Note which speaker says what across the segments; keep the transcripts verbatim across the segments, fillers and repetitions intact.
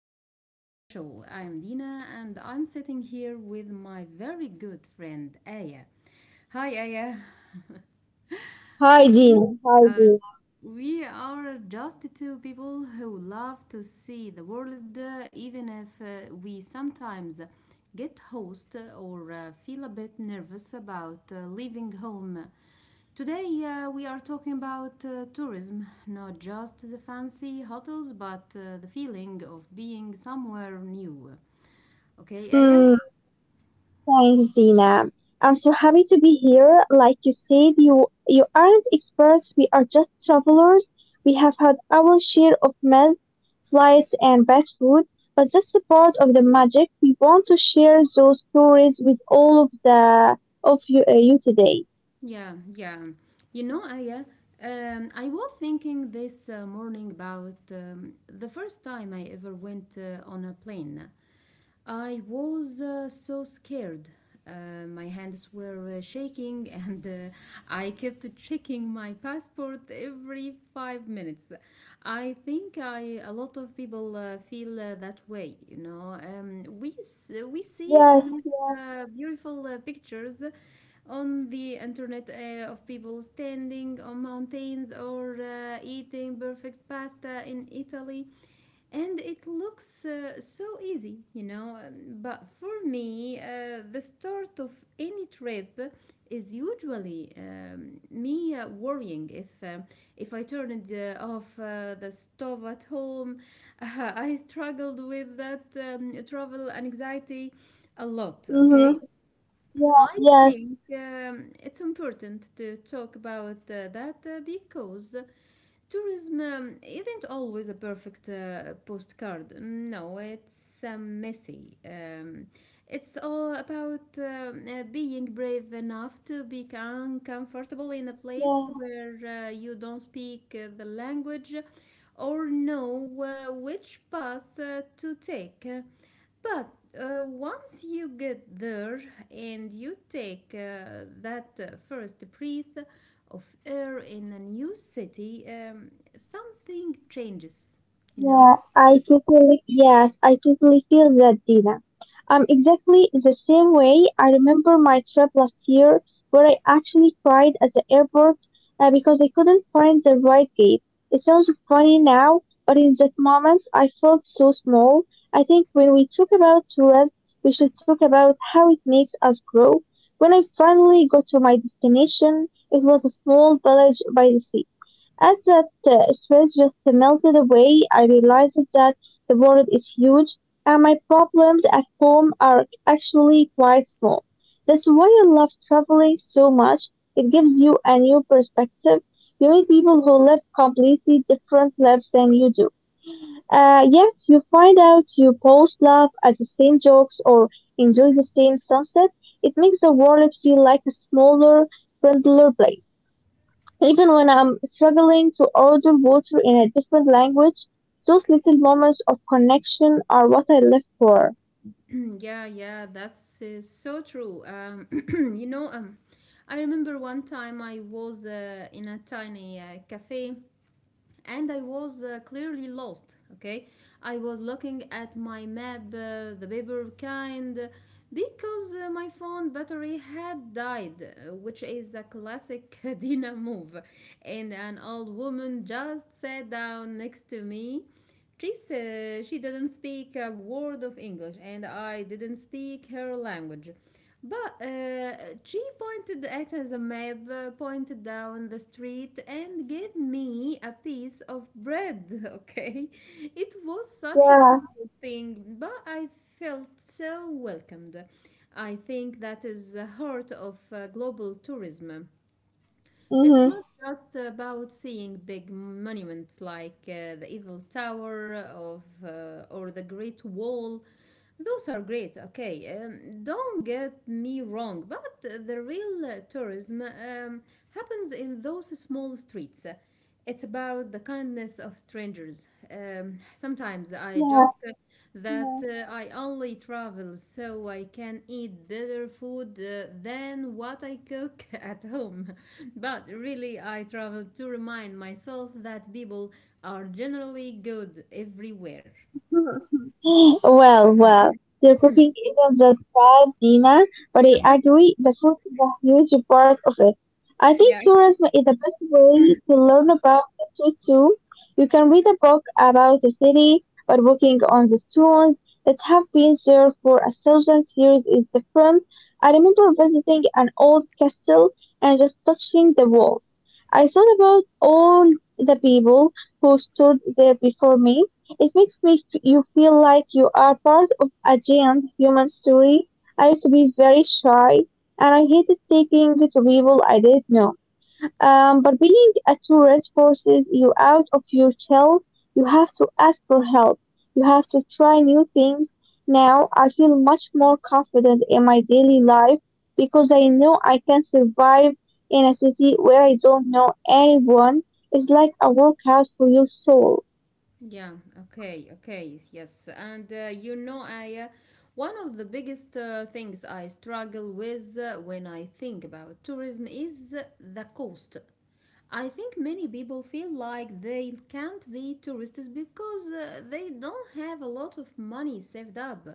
Speaker 1: welcome to the show. I'm Dina and I'm sitting here with my very good friend Aya. Hi Aya,
Speaker 2: Hi,
Speaker 1: we,
Speaker 2: Jean. Hi,
Speaker 1: uh,
Speaker 2: Jean.
Speaker 1: we are just two people who love to see the world, uh, even if uh, we sometimes get host or uh, feel a bit nervous about uh, leaving home. Today, uh, we are talking about uh, tourism, not just the fancy hotels, but uh, the feeling of being somewhere new. Okay, Aya?
Speaker 2: Mm, Thanks, Dina. I'm so happy to be here. Like you said, you you aren't experts. We are just travelers. We have had our share of mess, flights, and bad food, but that's a part of the magic. We want to share those stories with all of the of you, uh, you today.
Speaker 1: Yeah, yeah. You know, Aya, um, I was thinking this uh, morning about um, the first time I ever went uh, on a plane. I was uh, so scared. Uh, my hands were uh, shaking, and uh, I kept checking my passport every five minutes. I think I a lot of people uh, feel uh, that way. You know, um, we s- we see
Speaker 2: Yes.
Speaker 1: these
Speaker 2: Yeah.
Speaker 1: uh, beautiful uh, pictures on the internet uh, of people standing on mountains or uh, eating perfect pasta in Italy. And it looks uh, so easy, you know. um, But for me, uh, the start of any trip is usually um, me uh, worrying if um, if I turned uh, off uh, the stove at home. I struggled with that um, travel anxiety a lot, okay?
Speaker 2: Mm-hmm. Yeah.
Speaker 1: I
Speaker 2: Yes.
Speaker 1: think um, it's important to talk about uh, that uh, because tourism um, isn't always a perfect uh, postcard. No, it's um, messy. Um, it's all about um, uh, being brave enough to be uncomfortable in a place
Speaker 2: Yeah.
Speaker 1: where uh, you don't speak uh, the language or know uh, which path uh, to take. But uh, once you get there and you take uh, that uh, first breath of air in a new city, um, something changes, you
Speaker 2: Yeah,
Speaker 1: know?
Speaker 2: I totally, yes, I totally feel that, Dina. Um, exactly the same way. I remember my trip last year where I actually cried at the airport uh, because I couldn't find the right gate. It sounds funny now, but in that moment, I felt so small. I think when we talk about tourism, we should talk about how it makes us grow. When I finally got to my destination, it was a small village by the sea as that uh, stress just melted away. I realized that the world is huge and my problems at home are actually quite small. That's why I love traveling so much. It gives you a new perspective. You meet people who live completely different lives than you do. Uh, yet you find out you both laugh at the same jokes or enjoy the same sunset. It makes the world feel like a smaller, friendlier place. Even when I'm struggling to order water in a different language, those little moments of connection are what I live for.
Speaker 1: Yeah, yeah, that's uh, so true. Um, you know, um, I remember one time I was uh, in a tiny uh, cafe and I was uh, clearly lost. Okay, I was looking at my map, uh, the paper kind, because uh, my phone battery had died, uh, which is a classic Dina move. And an old woman just sat down next to me. She said she didn't speak a word of English, and I didn't speak her language. But uh, G pointed at the map, uh, pointed down the street, and gave me a piece of bread. Okay, it was such a
Speaker 2: Yeah.
Speaker 1: simple thing, but I felt so welcomed. I think that is the heart of uh, global tourism. It's
Speaker 2: Mm-hmm.
Speaker 1: not just about seeing big monuments like uh, the Eiffel Tower of, uh, or the Great Wall. Those are great, okay. Um, don't get me wrong, but the real uh, tourism um, happens in those small streets. It's about the kindness of strangers. Um, sometimes I
Speaker 2: Yeah.
Speaker 1: joke that uh, I only travel so I can eat better food uh, than what I cook at home. But really, I travel to remind myself that people are generally good everywhere.
Speaker 2: Well, well, your cooking isn't that bad, Dina, but I agree the food is a huge part of it. I think tourism is a best way to learn about history too. You can read a book about a city, but walking on the stones that have been there for a thousand years is different. I remember visiting an old castle and just touching the walls. I thought about all the people who stood there before me. It makes me f- you feel like you are part of a giant human story. I used to be very shy and I hated taking to people I didn't know. Um, but being a tourist forces you out of your shell. You have to ask for help. You have to try new things. Now I feel much more confident in my daily life because I know I can survive in a city where I don't know anyone. It's like a workout for your soul.
Speaker 1: Yeah, okay, okay, yes. And uh, you know, I uh, one of the biggest uh, things I struggle with uh, when I think about tourism is the cost. I think many people feel like they can't be tourists because uh, they don't have a lot of money saved up.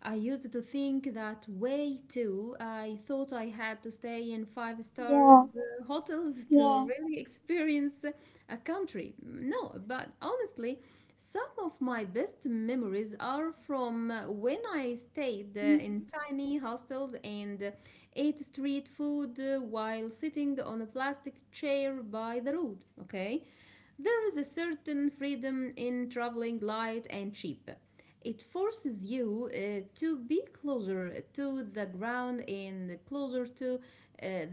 Speaker 1: I used to think that way too. I thought I had to stay in five
Speaker 2: Yeah,
Speaker 1: stars uh, hotels to
Speaker 2: yeah.
Speaker 1: really experience a country. No, but honestly, some of my best memories are from uh, when I stayed uh, in tiny hostels and uh, ate street food uh, while sitting on a plastic chair by the road. Okay, there is a certain freedom in traveling light and cheap. It forces you uh, to be closer to the ground and closer to uh,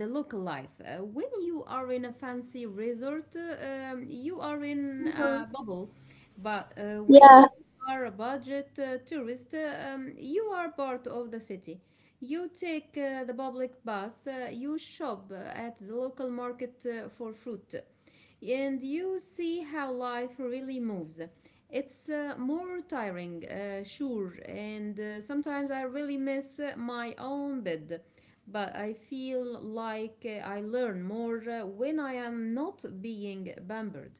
Speaker 1: the local life. Uh, when you are in a fancy resort, uh, um, you are in
Speaker 2: Mhm.
Speaker 1: a bubble, but uh, when
Speaker 2: Yeah,
Speaker 1: you are a budget uh, tourist, uh, um, you are part of the city. You take uh, the public bus, uh, you shop uh, at the local market uh, for fruit, and you see how life really moves. It's uh, more tiring, uh, sure, and uh, sometimes I really miss uh, my own bed, but I feel like uh, I learn more uh, when I am not being pampered.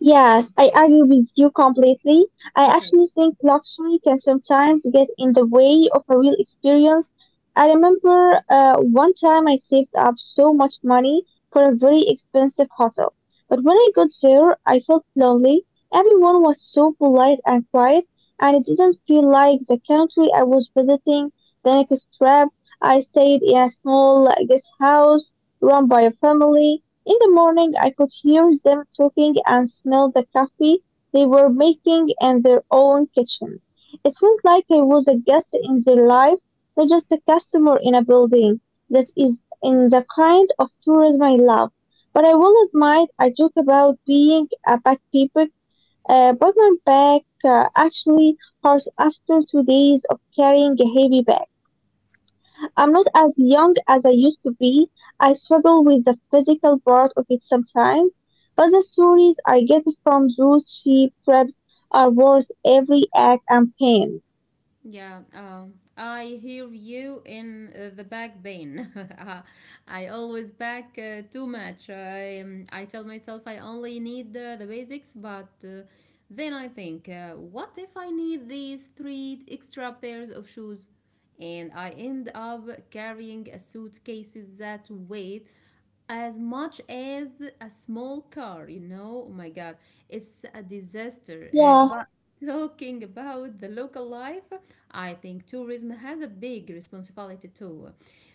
Speaker 2: yeah, I agree with you completely. I actually think luxury can sometimes get in the way of a real experience. I remember uh, one time I saved up so much money for a very expensive hotel. But when I got there, I felt lonely. Everyone was so polite and quiet, and it didn't feel like the country I was visiting. The next trip, I stayed in a small uh, guest house run by a family. In the morning, I could hear them talking and smell the coffee they were making in their own kitchen. It felt like I was a guest in their life, not just a customer in a building. That is in the kind of tourism I love. But I will admit, I talk about being a bad people, uh, but my back uh, actually hurts after two days of carrying a heavy bag. I'm not as young as I used to be. I struggle with the physical part of it sometimes, but the stories I get from those sheep trips are worth every ache and pain.
Speaker 1: Yeah, um, I hear you in uh, the back pain. Uh, I always back uh, too much. I, um, I tell myself I only need uh, the basics, but uh, then I think, uh, what if I need these three extra pairs of shoes? And I end up carrying a suitcases that weight as much as a small car, you know. Oh my God, it's a disaster. Uh,
Speaker 2: Yeah,
Speaker 1: but talking about the local life, I think tourism has a big responsibility too.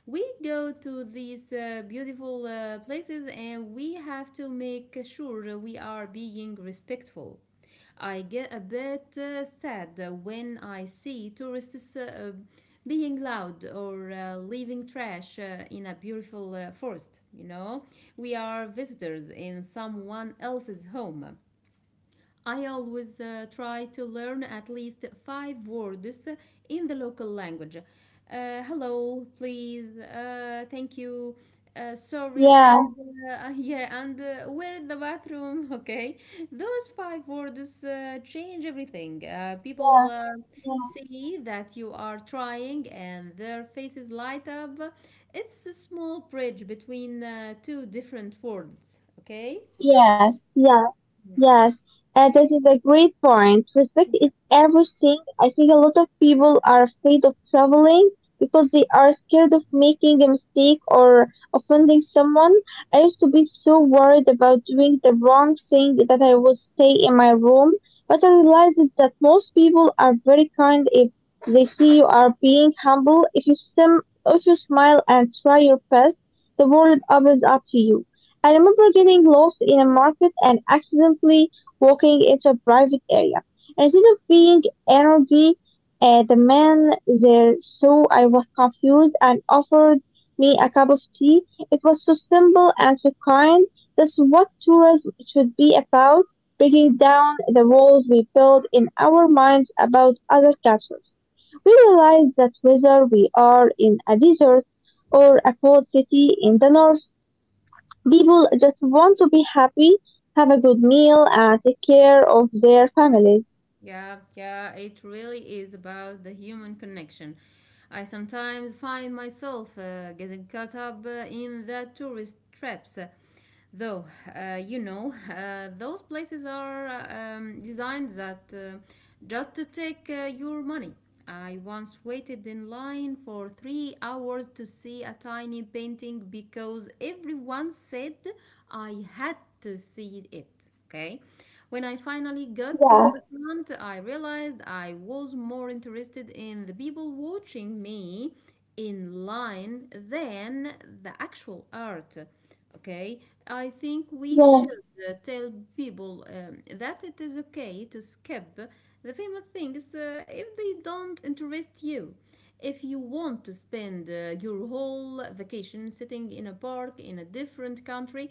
Speaker 1: We go to these uh, beautiful uh, places and we have to make sure we are being respectful. I get a bit uh, sad when I see tourists uh, being loud or uh, leaving trash uh, in a beautiful uh, forest, you know. We are visitors in someone else's home. I always uh, try to learn at least five words in the local language. Uh, hello, please, uh, thank you, uh, sorry,
Speaker 2: yeah,
Speaker 1: and uh, yeah, and uh, where is the bathroom? Okay, those five words uh, change everything. Uh,
Speaker 2: Yeah.
Speaker 1: people uh,
Speaker 2: yeah.
Speaker 1: see that you are trying, and their faces light up. It's a small bridge between uh, two different worlds. Okay.
Speaker 2: yes, yes. Yes, and this is a great point. Respect is everything. I think a lot of people are afraid of traveling because they are scared of making a mistake or offending someone. I used to be so worried about doing the wrong thing that I would stay in my room, but I realized that most people are very kind if they see you are being humble. If you sim- if you smile and try your best, the world opens up to you. I remember getting lost in a market and accidentally walking into a private area. Instead of being angry at the man there so I was confused and offered me a cup of tea. It was so simple and so kind. That's what tourism should be about, breaking down the walls we build in our minds about other cultures. We realize that whether we are in a desert or a cold city in the north, people just want to be happy, have a good meal, and take care of their families.
Speaker 1: Yeah, yeah, it really is about the human connection. I sometimes find myself uh, getting caught up uh, in the tourist traps. Though, uh, you know, uh, those places are uh, um, designed that uh, just to take uh, your money. I once waited in line for three hours to see a tiny painting because everyone said I had to see it. Okay. When I finally got to
Speaker 2: Yeah,
Speaker 1: the front, I realized I was more interested in the people watching me in line than the actual art. Okay, I think we
Speaker 2: yeah,
Speaker 1: should uh, tell people um, that it is okay to skip the famous things uh, if they don't interest you. If you want to spend uh, your whole vacation sitting in a park in a different country,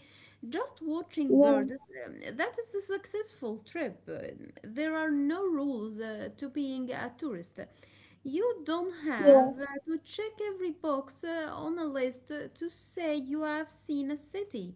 Speaker 1: just watching
Speaker 2: yeah,
Speaker 1: birds, um, that is a successful trip. Uh, There are no rules uh, to being a tourist. You don't have
Speaker 2: yeah.
Speaker 1: uh, to check every box uh, on a list uh, to say you have seen a city.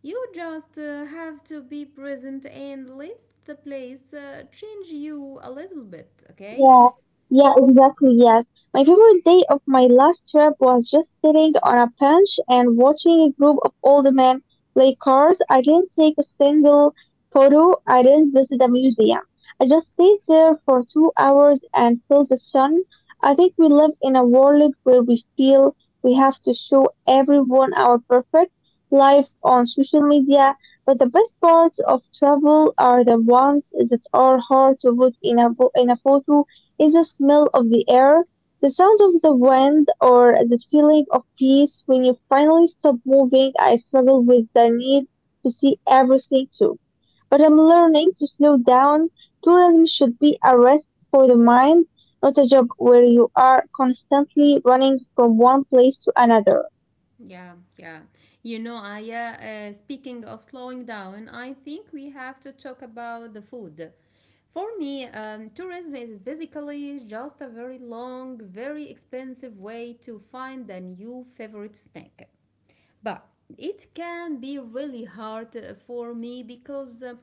Speaker 1: You just uh, have to be present and let the place uh, change you a little bit, okay?
Speaker 2: Yeah, yeah, exactly. Yes. My favorite day of my last trip was just sitting on a bench and watching a group of old men play cards. I didn't take a single photo, I didn't visit a museum. I just stayed there for two hours and felt the sun. I think we live in a world where we feel we have to show everyone our perfect life on social media, but the best parts of travel are the ones that are hard to put in a, bo- in a photo. Is the smell of the air, the sound of the wind, or the feeling of peace when you finally stop moving. I struggle with the need to see everything too. But I'm learning to slow down. Tourism should be a rest for the mind, not a job where you are constantly running from one place to another.
Speaker 1: Yeah, yeah. You know, Aya, uh, uh, speaking of slowing down, I think we have to talk about the food. For me, um, tourism is basically just a very long, very expensive way to find a new favorite snack, but it can be really hard uh, for me because uh,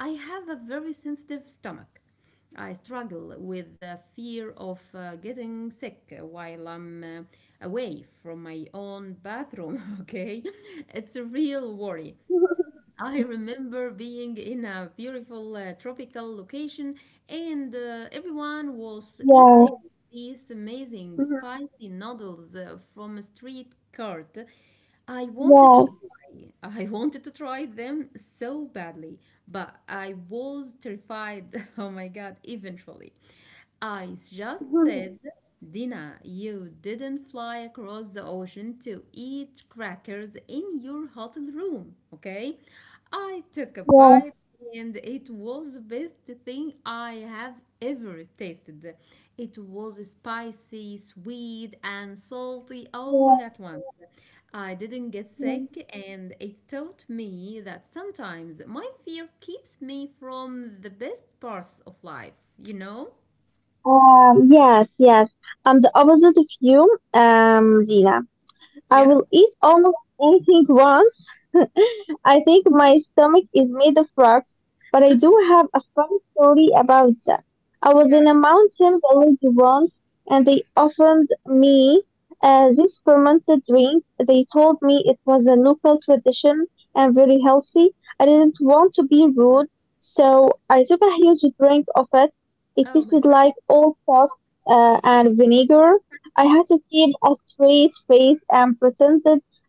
Speaker 1: I have a very sensitive stomach. I struggle with the fear of uh, getting sick while I'm uh, away from my own bathroom, okay? It's a real worry. I remember being in a beautiful uh, tropical location, and uh, everyone was eating these amazing spicy noodles uh, from a street cart. I wanted to
Speaker 2: Yeah,
Speaker 1: try. I wanted to try them so badly, but I was terrified. Oh my God, eventually. I just
Speaker 2: yeah,
Speaker 1: said, Dina, you didn't fly across the ocean to eat crackers in your hotel room, okay? I took a
Speaker 2: yeah.
Speaker 1: bite and it was the best thing I have ever tasted. It was spicy, sweet, and salty all
Speaker 2: Yeah.
Speaker 1: at once. I didn't get sick, and it taught me that sometimes my fear keeps me from the best parts of life, you know?
Speaker 2: Um, yes, yes. I'm the opposite of you, um, Dina. I
Speaker 1: Yeah.
Speaker 2: will eat almost anything once. I think my stomach is made of rocks, but I do have a fun story about that. I was
Speaker 1: Yeah.
Speaker 2: in a mountain village once, and they offered me uh, this fermented drink. They told me it was a local tradition and very healthy. I didn't want to be rude, so I took a huge drink of it. It
Speaker 1: Oh my
Speaker 2: tasted
Speaker 1: God.
Speaker 2: like old salt uh, and vinegar. I had to keep a straight face and pretend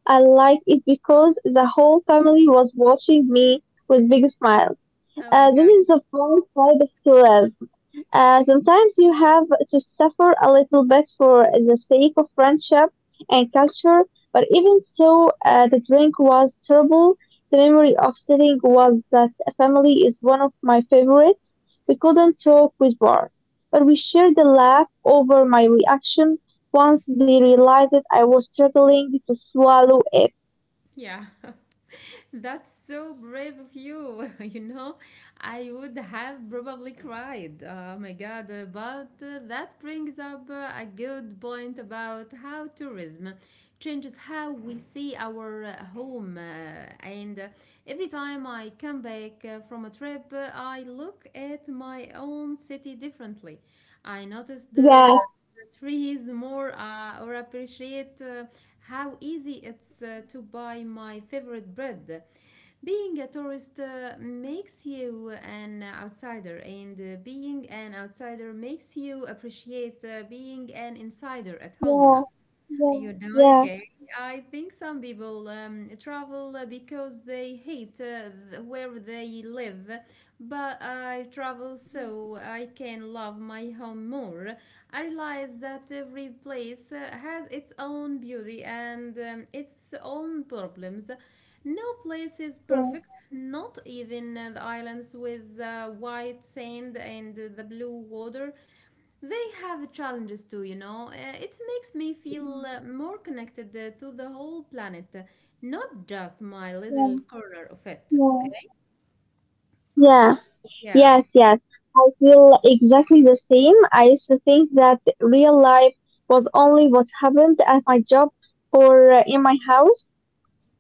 Speaker 2: I liked it because the whole family was watching me with big smiles.
Speaker 1: Oh my
Speaker 2: Uh, this
Speaker 1: God.
Speaker 2: is the fun side of tourism. Uh, sometimes you have to suffer a little bit for the sake of friendship and culture, but even so, uh, the drink was terrible. The memory of sitting was that family is one of my favorites. We couldn't talk with words, but we shared the laugh over my reaction once they realized I was struggling to swallow it.
Speaker 1: Yeah. That's so brave of you. You know, I would have probably cried. Oh my god, uh, but uh, that brings up uh, a good point about how tourism changes how we see our uh, home. uh, And uh, every time I come back uh, from a trip, uh, I look at my own city differently. I notice the
Speaker 2: Yeah,
Speaker 1: the trees more uh, or appreciate uh, how easy it's uh, to buy my favorite bread. Being a tourist uh, makes you an outsider, and uh, being an outsider makes you appreciate uh, being an insider at home.
Speaker 2: yeah, yeah,
Speaker 1: You know,
Speaker 2: yeah,
Speaker 1: okay. I think some people um, travel uh, because they hate uh, th- where they live, but I travel so I can love my home more. I realize that every place uh, has its own beauty and um, its own problems. No place is
Speaker 2: yeah,
Speaker 1: perfect, not even uh, the islands with uh, white sand and uh, the blue water, they have challenges too, you know. Uh, it makes me feel uh, more connected uh, to the whole planet, not just my
Speaker 2: yeah,
Speaker 1: little corner of it,
Speaker 2: yeah.
Speaker 1: okay?
Speaker 2: Yeah,
Speaker 1: Yeah.
Speaker 2: yes, Yes. I feel exactly the same. I used to think that real life was only what happened at my job or uh, in my house.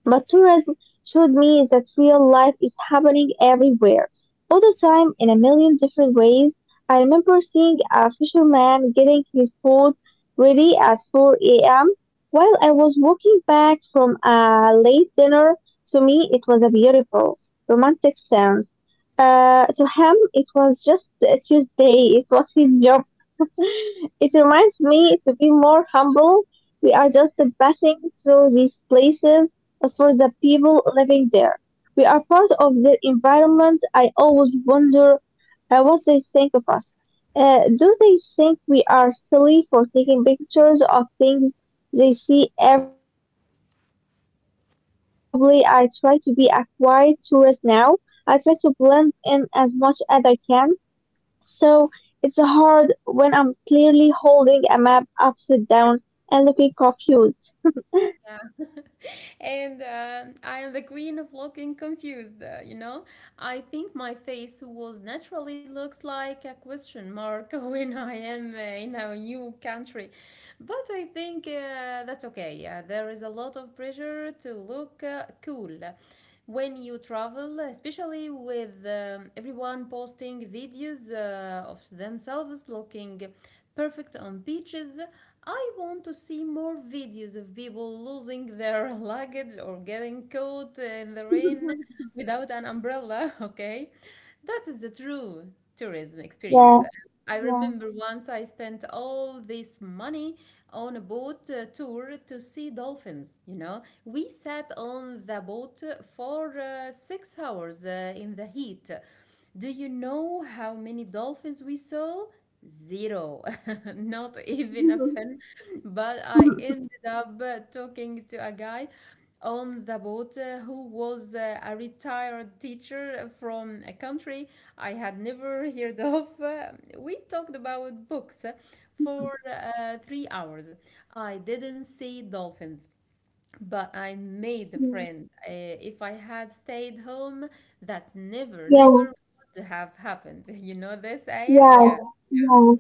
Speaker 2: But tourism showed me that real life is happening everywhere, all the time, in a million different ways. I remember seeing a fisherman getting his boat ready at four a m while I was walking back from a late dinner. To me, it was a beautiful, romantic sound. Uh, to him, it was just a Tuesday. It was his job. It reminds me to be more humble. We are
Speaker 1: Yeah.
Speaker 2: just passing through these places, but for the people living there, we are part of their environment. I always wonder uh, what they think of us. Uh, do they think we are silly for taking pictures of things they see every day? Probably. I try to be a quiet tourist now. I try to blend in as much as I can. So it's hard when I'm clearly holding a map upside down and looking confused.
Speaker 1: And uh, I am the queen of looking confused, uh, you know? I think my face was naturally looks like a question mark when I am uh, in a new country. But I think uh, that's okay. Uh, there is a lot of pressure to look uh, cool when you travel, especially with um, everyone posting videos uh, of themselves looking perfect on beaches. I want to see more videos of people losing their luggage or getting caught in the rain without an umbrella, okay? That is the true tourism experience.
Speaker 2: Yeah,
Speaker 1: I remember once I spent all this money on a boat uh, tour to see dolphins. You know, we sat on the boat for uh, six hours uh, in the heat. Do you know how many dolphins we saw? Zero. Not even a fin. But I ended up uh, talking to a guy on the boat uh, who was uh, a retired teacher from a country I had never heard of. Uh, we talked about books for uh, three hours. I didn't see dolphins, but I made a friend. Uh, if I had stayed home, that never,
Speaker 2: yeah, yeah,
Speaker 1: never would have happened. You know this, Aya?
Speaker 2: yeah,
Speaker 1: Yeah.
Speaker 2: yeah.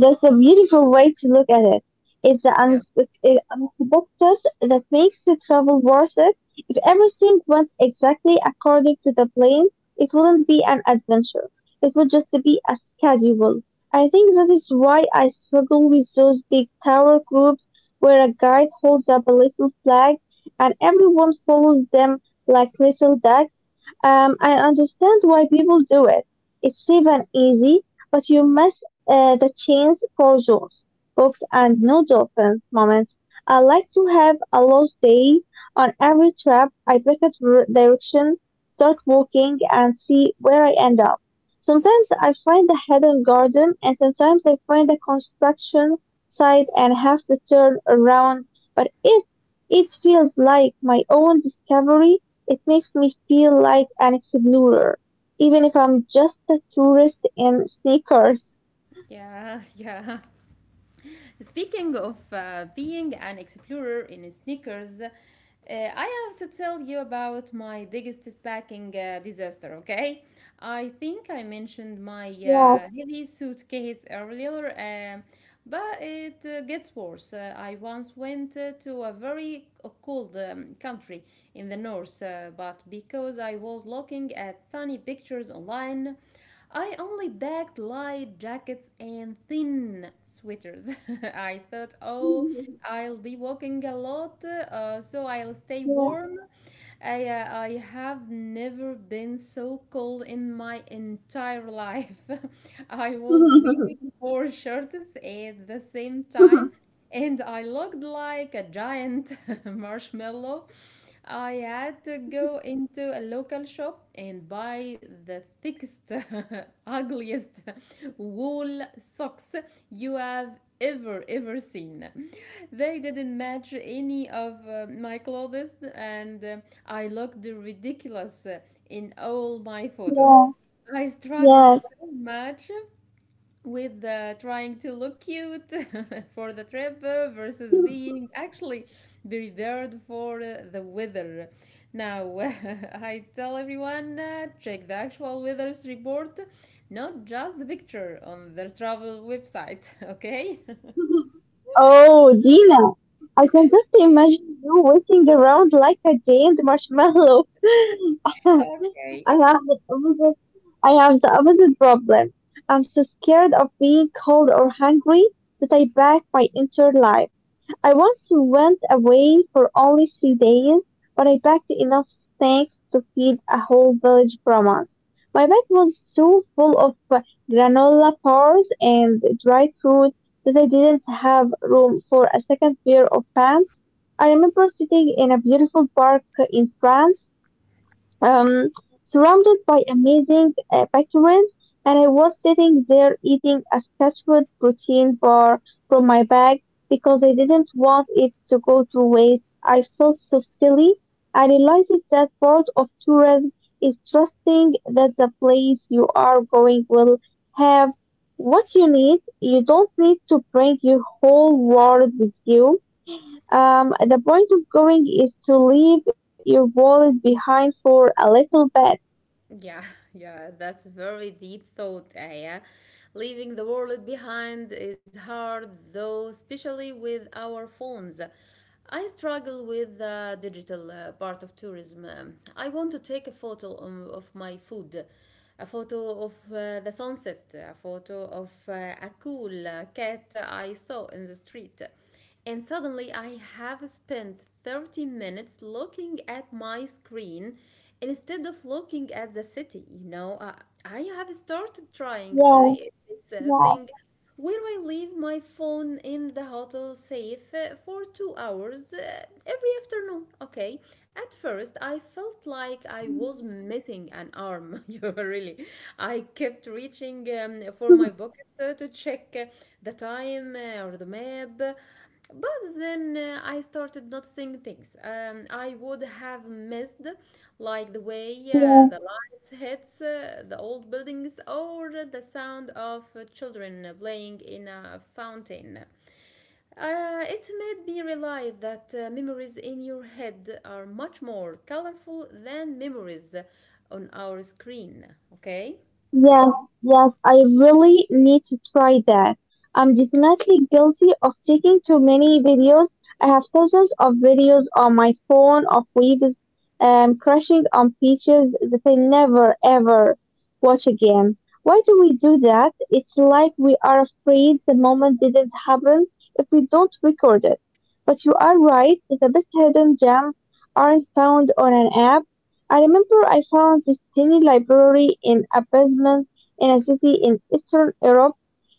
Speaker 2: That's a beautiful way to look at it. It's the
Speaker 1: Yes.
Speaker 2: unspe- uh, unexpected that makes the travel worth it. If everything went exactly according to the plan, it wouldn't be an adventure. It would just be a schedule. I think that is why I struggle with those big tower groups where a guide holds up a little flag and everyone follows them like little ducks. Um, I understand why people do it. It's safe and easy, but you miss uh, the chance for those books and no dolphins moments. I like to have a lost day on every trip. I pick a dir- direction, start walking, and see where I end up. Sometimes I find a hidden garden, and sometimes I find a construction site and have to turn around. But if it feels like my own discovery it makes me feel like an explorer, even if I'm just a tourist in sneakers.
Speaker 1: Yeah, yeah. Speaking of uh, being an explorer in sneakers, Uh, I have to tell you about my biggest packing uh, disaster, okay? I think I mentioned my uh,
Speaker 2: Yeah.
Speaker 1: heavy suitcase earlier, um, but it uh, gets worse. Uh, I once went uh, to a very c- cold um, country in the north, uh, but because I was looking at sunny pictures online, I only bagged light jackets and thin sweaters. I thought, oh, I'll be walking a lot, uh, so I'll stay
Speaker 2: Yeah.
Speaker 1: warm. I, uh, I have never been so cold in my entire life. I was waiting for shirts at the same time, and I looked like a giant marshmallow. I had to go into a local shop and buy the thickest, ugliest wool socks you have ever, ever seen. They didn't match any of uh, my clothes, and uh, I looked ridiculous uh, in all my photos.
Speaker 2: Yeah.
Speaker 1: I struggled
Speaker 2: Yeah.
Speaker 1: so much with uh, trying to look cute for the trip uh, versus being actually prepared for uh, the weather. Now, I tell everyone uh, check the actual weather's report, not just the picture on their travel website, okay?
Speaker 2: Oh, Dina, I can just imagine you walking around like a giant marshmallow. I have
Speaker 1: Okay.
Speaker 2: the opposite. I have the opposite problem. I'm so scared of being cold or hungry that I back my entire life. I once went away for only three days, but I packed enough snacks to feed a whole village from us. My bag was so full of granola bars and dried fruit that I didn't have room for a second pair of pants. I remember sitting in a beautiful park in France, um, surrounded by amazing uh, bakeries, and I was sitting there eating a Scotchwood protein bar from my bag because I didn't want it to go to waste. I felt so silly. I realized that part of tourism is trusting that the place you are going will have what you need. You don't need to bring your whole world with you. Um, the point of going is to leave your wallet behind for a little bit.
Speaker 1: Yeah, yeah, that's very deep thought, Aya. Leaving the world behind is hard, though, especially with our phones. I struggle with the digital uh, part of tourism. Um, I want to take a photo um, of my food, a photo of uh, the sunset, a photo of uh, a cool uh, cat I saw in the street, and suddenly I have spent thirty minutes looking at my screen instead of looking at the city. You know, uh, I have started trying
Speaker 2: Yeah,
Speaker 1: th- this uh,
Speaker 2: yeah,
Speaker 1: thing where I leave my phone in the hotel safe uh, for two hours uh, every afternoon. Okay, at first I felt like I was missing an arm. You know, really, I kept reaching um, for my pocket uh, to check uh, the time uh, or the map. But then uh, I started noticing things um, I would have missed, like the way uh,
Speaker 2: yeah.
Speaker 1: the lights hits uh, the old buildings or the sound of uh, children playing in a fountain. Uh, it made me realize that uh, memories in your head are much more colorful than memories on our screen, okay?
Speaker 2: Yes, yes, I really need to try that. I'm definitely guilty of taking too many videos. I have thousands of videos on my phone of waves um, crashing on beaches that I never ever watch again. Why do we do that? It's like we are afraid the moment didn't happen if we don't record it. But you are right, the best hidden gems aren't found on an app. I remember I found this tiny library in a basement in a city in Eastern Europe.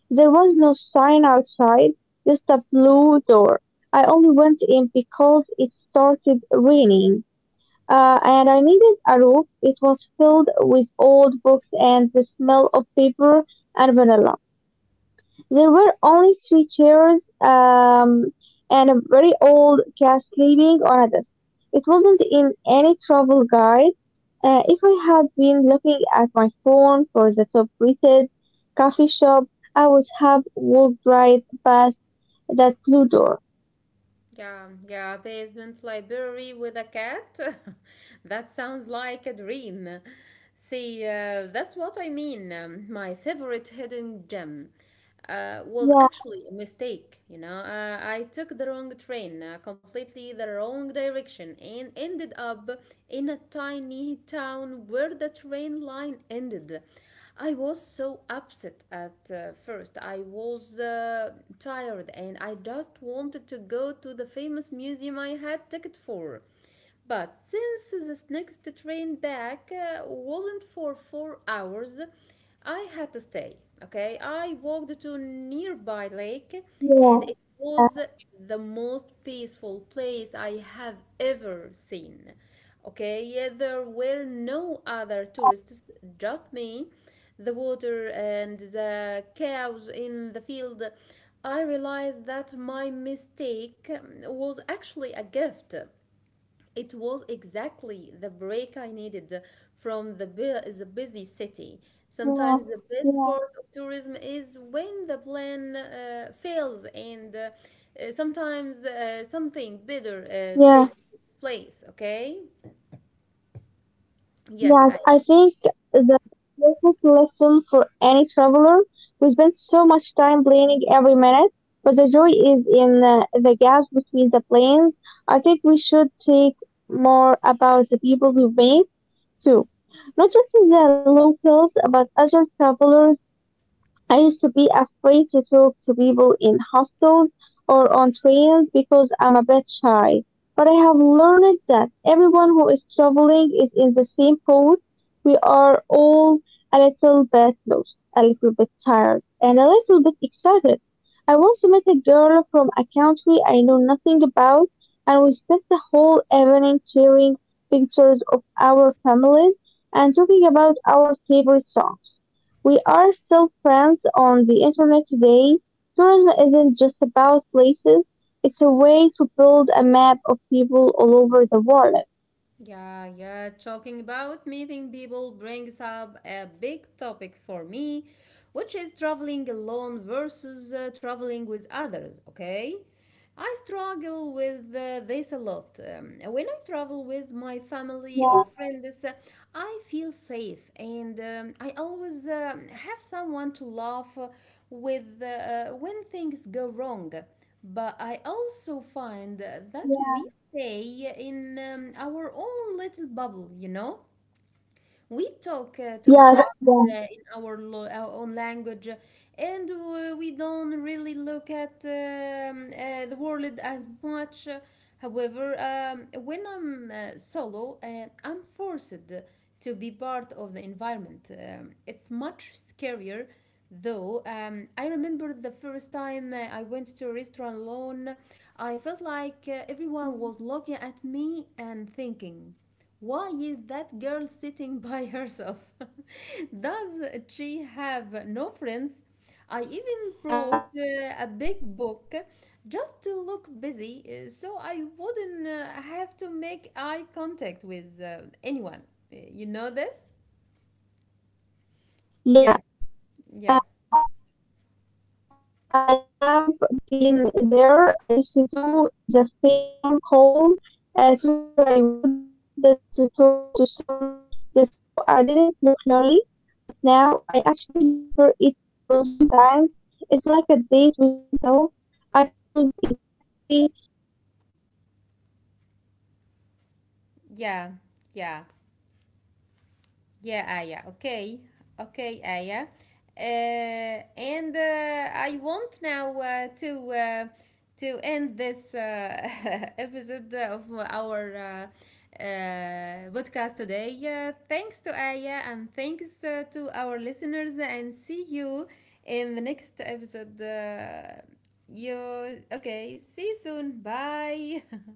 Speaker 2: There was no sign outside, just a blue door. I only went in because it started raining, uh, and I needed a roof. It was filled with old books and the smell of paper and vanilla. There were only three chairs um, and a very old cat sleeping on a desk. It wasn't in any travel guide. Uh, if I had been looking at my phone for the top rated coffee shop, I would have walked right past that blue door.
Speaker 1: Yeah, yeah, basement library with a cat. That sounds like a dream. See, uh, that's what I mean. Um, my favorite hidden gem uh, was
Speaker 2: Yeah,
Speaker 1: actually a mistake, you know. Uh, I took the wrong train, uh, completely the wrong direction, and ended up in a tiny town where the train line ended. I was so upset at uh, first. I was uh, tired and I just wanted to go to the famous museum I had ticket for. But since this next train back uh, wasn't for four hours, I had to stay. Okay, I walked to nearby lake,
Speaker 2: yeah,
Speaker 1: and it
Speaker 2: yeah,
Speaker 1: was the most peaceful place I have ever seen. Okay, yeah, there were no other
Speaker 2: yeah,
Speaker 1: tourists, just me, the water, and the cows in the field. I realized that my mistake was actually a gift. It was exactly the break I needed from the, bu- the busy city.
Speaker 2: yeah,
Speaker 1: Sometimes the best
Speaker 2: yeah,
Speaker 1: part of tourism is when the plan uh, fails, and uh, uh, sometimes uh,
Speaker 2: yeah.
Speaker 1: something better uh, takes its place, okay?
Speaker 2: Yes, I think
Speaker 1: Yes.
Speaker 2: that's the perfect lesson for any traveler. We spend so much time planning every minute, but the joy is in uh, the gaps between the planes. I think we should think more about the people we meet too, not just the locals, but other travelers. I used to be afraid to talk to people in hostels or on trains because I'm a bit shy. But I have learned that everyone who is traveling is in the same boat. We are all a little bit lost, a little bit tired, and a little bit excited. I once met a girl from a country I know nothing about, and we spent the whole evening sharing pictures of our families and talking about our favorite songs. We are still friends on the internet today. Tourism isn't just about places, it's a way to build a map of people all over the world.
Speaker 1: Yeah, yeah. Talking about meeting people brings up a big topic for me, which is traveling alone versus uh, traveling with others, okay? I struggle with uh, this a lot. Um, when I travel with my family or
Speaker 2: Yeah,
Speaker 1: friends, uh, I feel safe and um, I always um have someone to laugh uh, with uh, when things go wrong. But I also find that we
Speaker 2: yeah.
Speaker 1: stay in um, our own little bubble, you know? We talk uh, to each
Speaker 2: yes.
Speaker 1: other uh, in our, lo- our own language, uh, and uh, we don't really look at um, uh, the world as much. However, um, when I'm uh, solo, uh, I'm forced to be part of the environment. Um, it's much scarier, though. Um, I remember the first time uh, I went to a restaurant alone, I felt like uh, everyone was looking at me and thinking, why is that girl sitting by herself? Does
Speaker 2: yeah.
Speaker 1: she have no friends? I even
Speaker 2: Um,
Speaker 1: brought uh, a big book just to look busy uh, so I wouldn't uh, have to make eye contact with uh, anyone. Uh, You know this?
Speaker 2: yes.
Speaker 1: Yeah, yeah,
Speaker 2: Uh, Uh, I have been there. I used to do the fake phone call uh, trick where I would pretend that to talk to someone just so I didn't look lonely. But now I actually prefer eating alone sometimes. It's like a date with myself. I can choose exactly uh, what
Speaker 1: yeah, yeah. Yeah, Aya. Okay. Okay, Aya. Uh, and uh, I want now uh, to uh, to end this uh, episode of our uh, uh, podcast today. Uh, thanks to Aya and thanks uh, to our listeners and see you in the next episode. Uh, you okay? See you soon. Bye.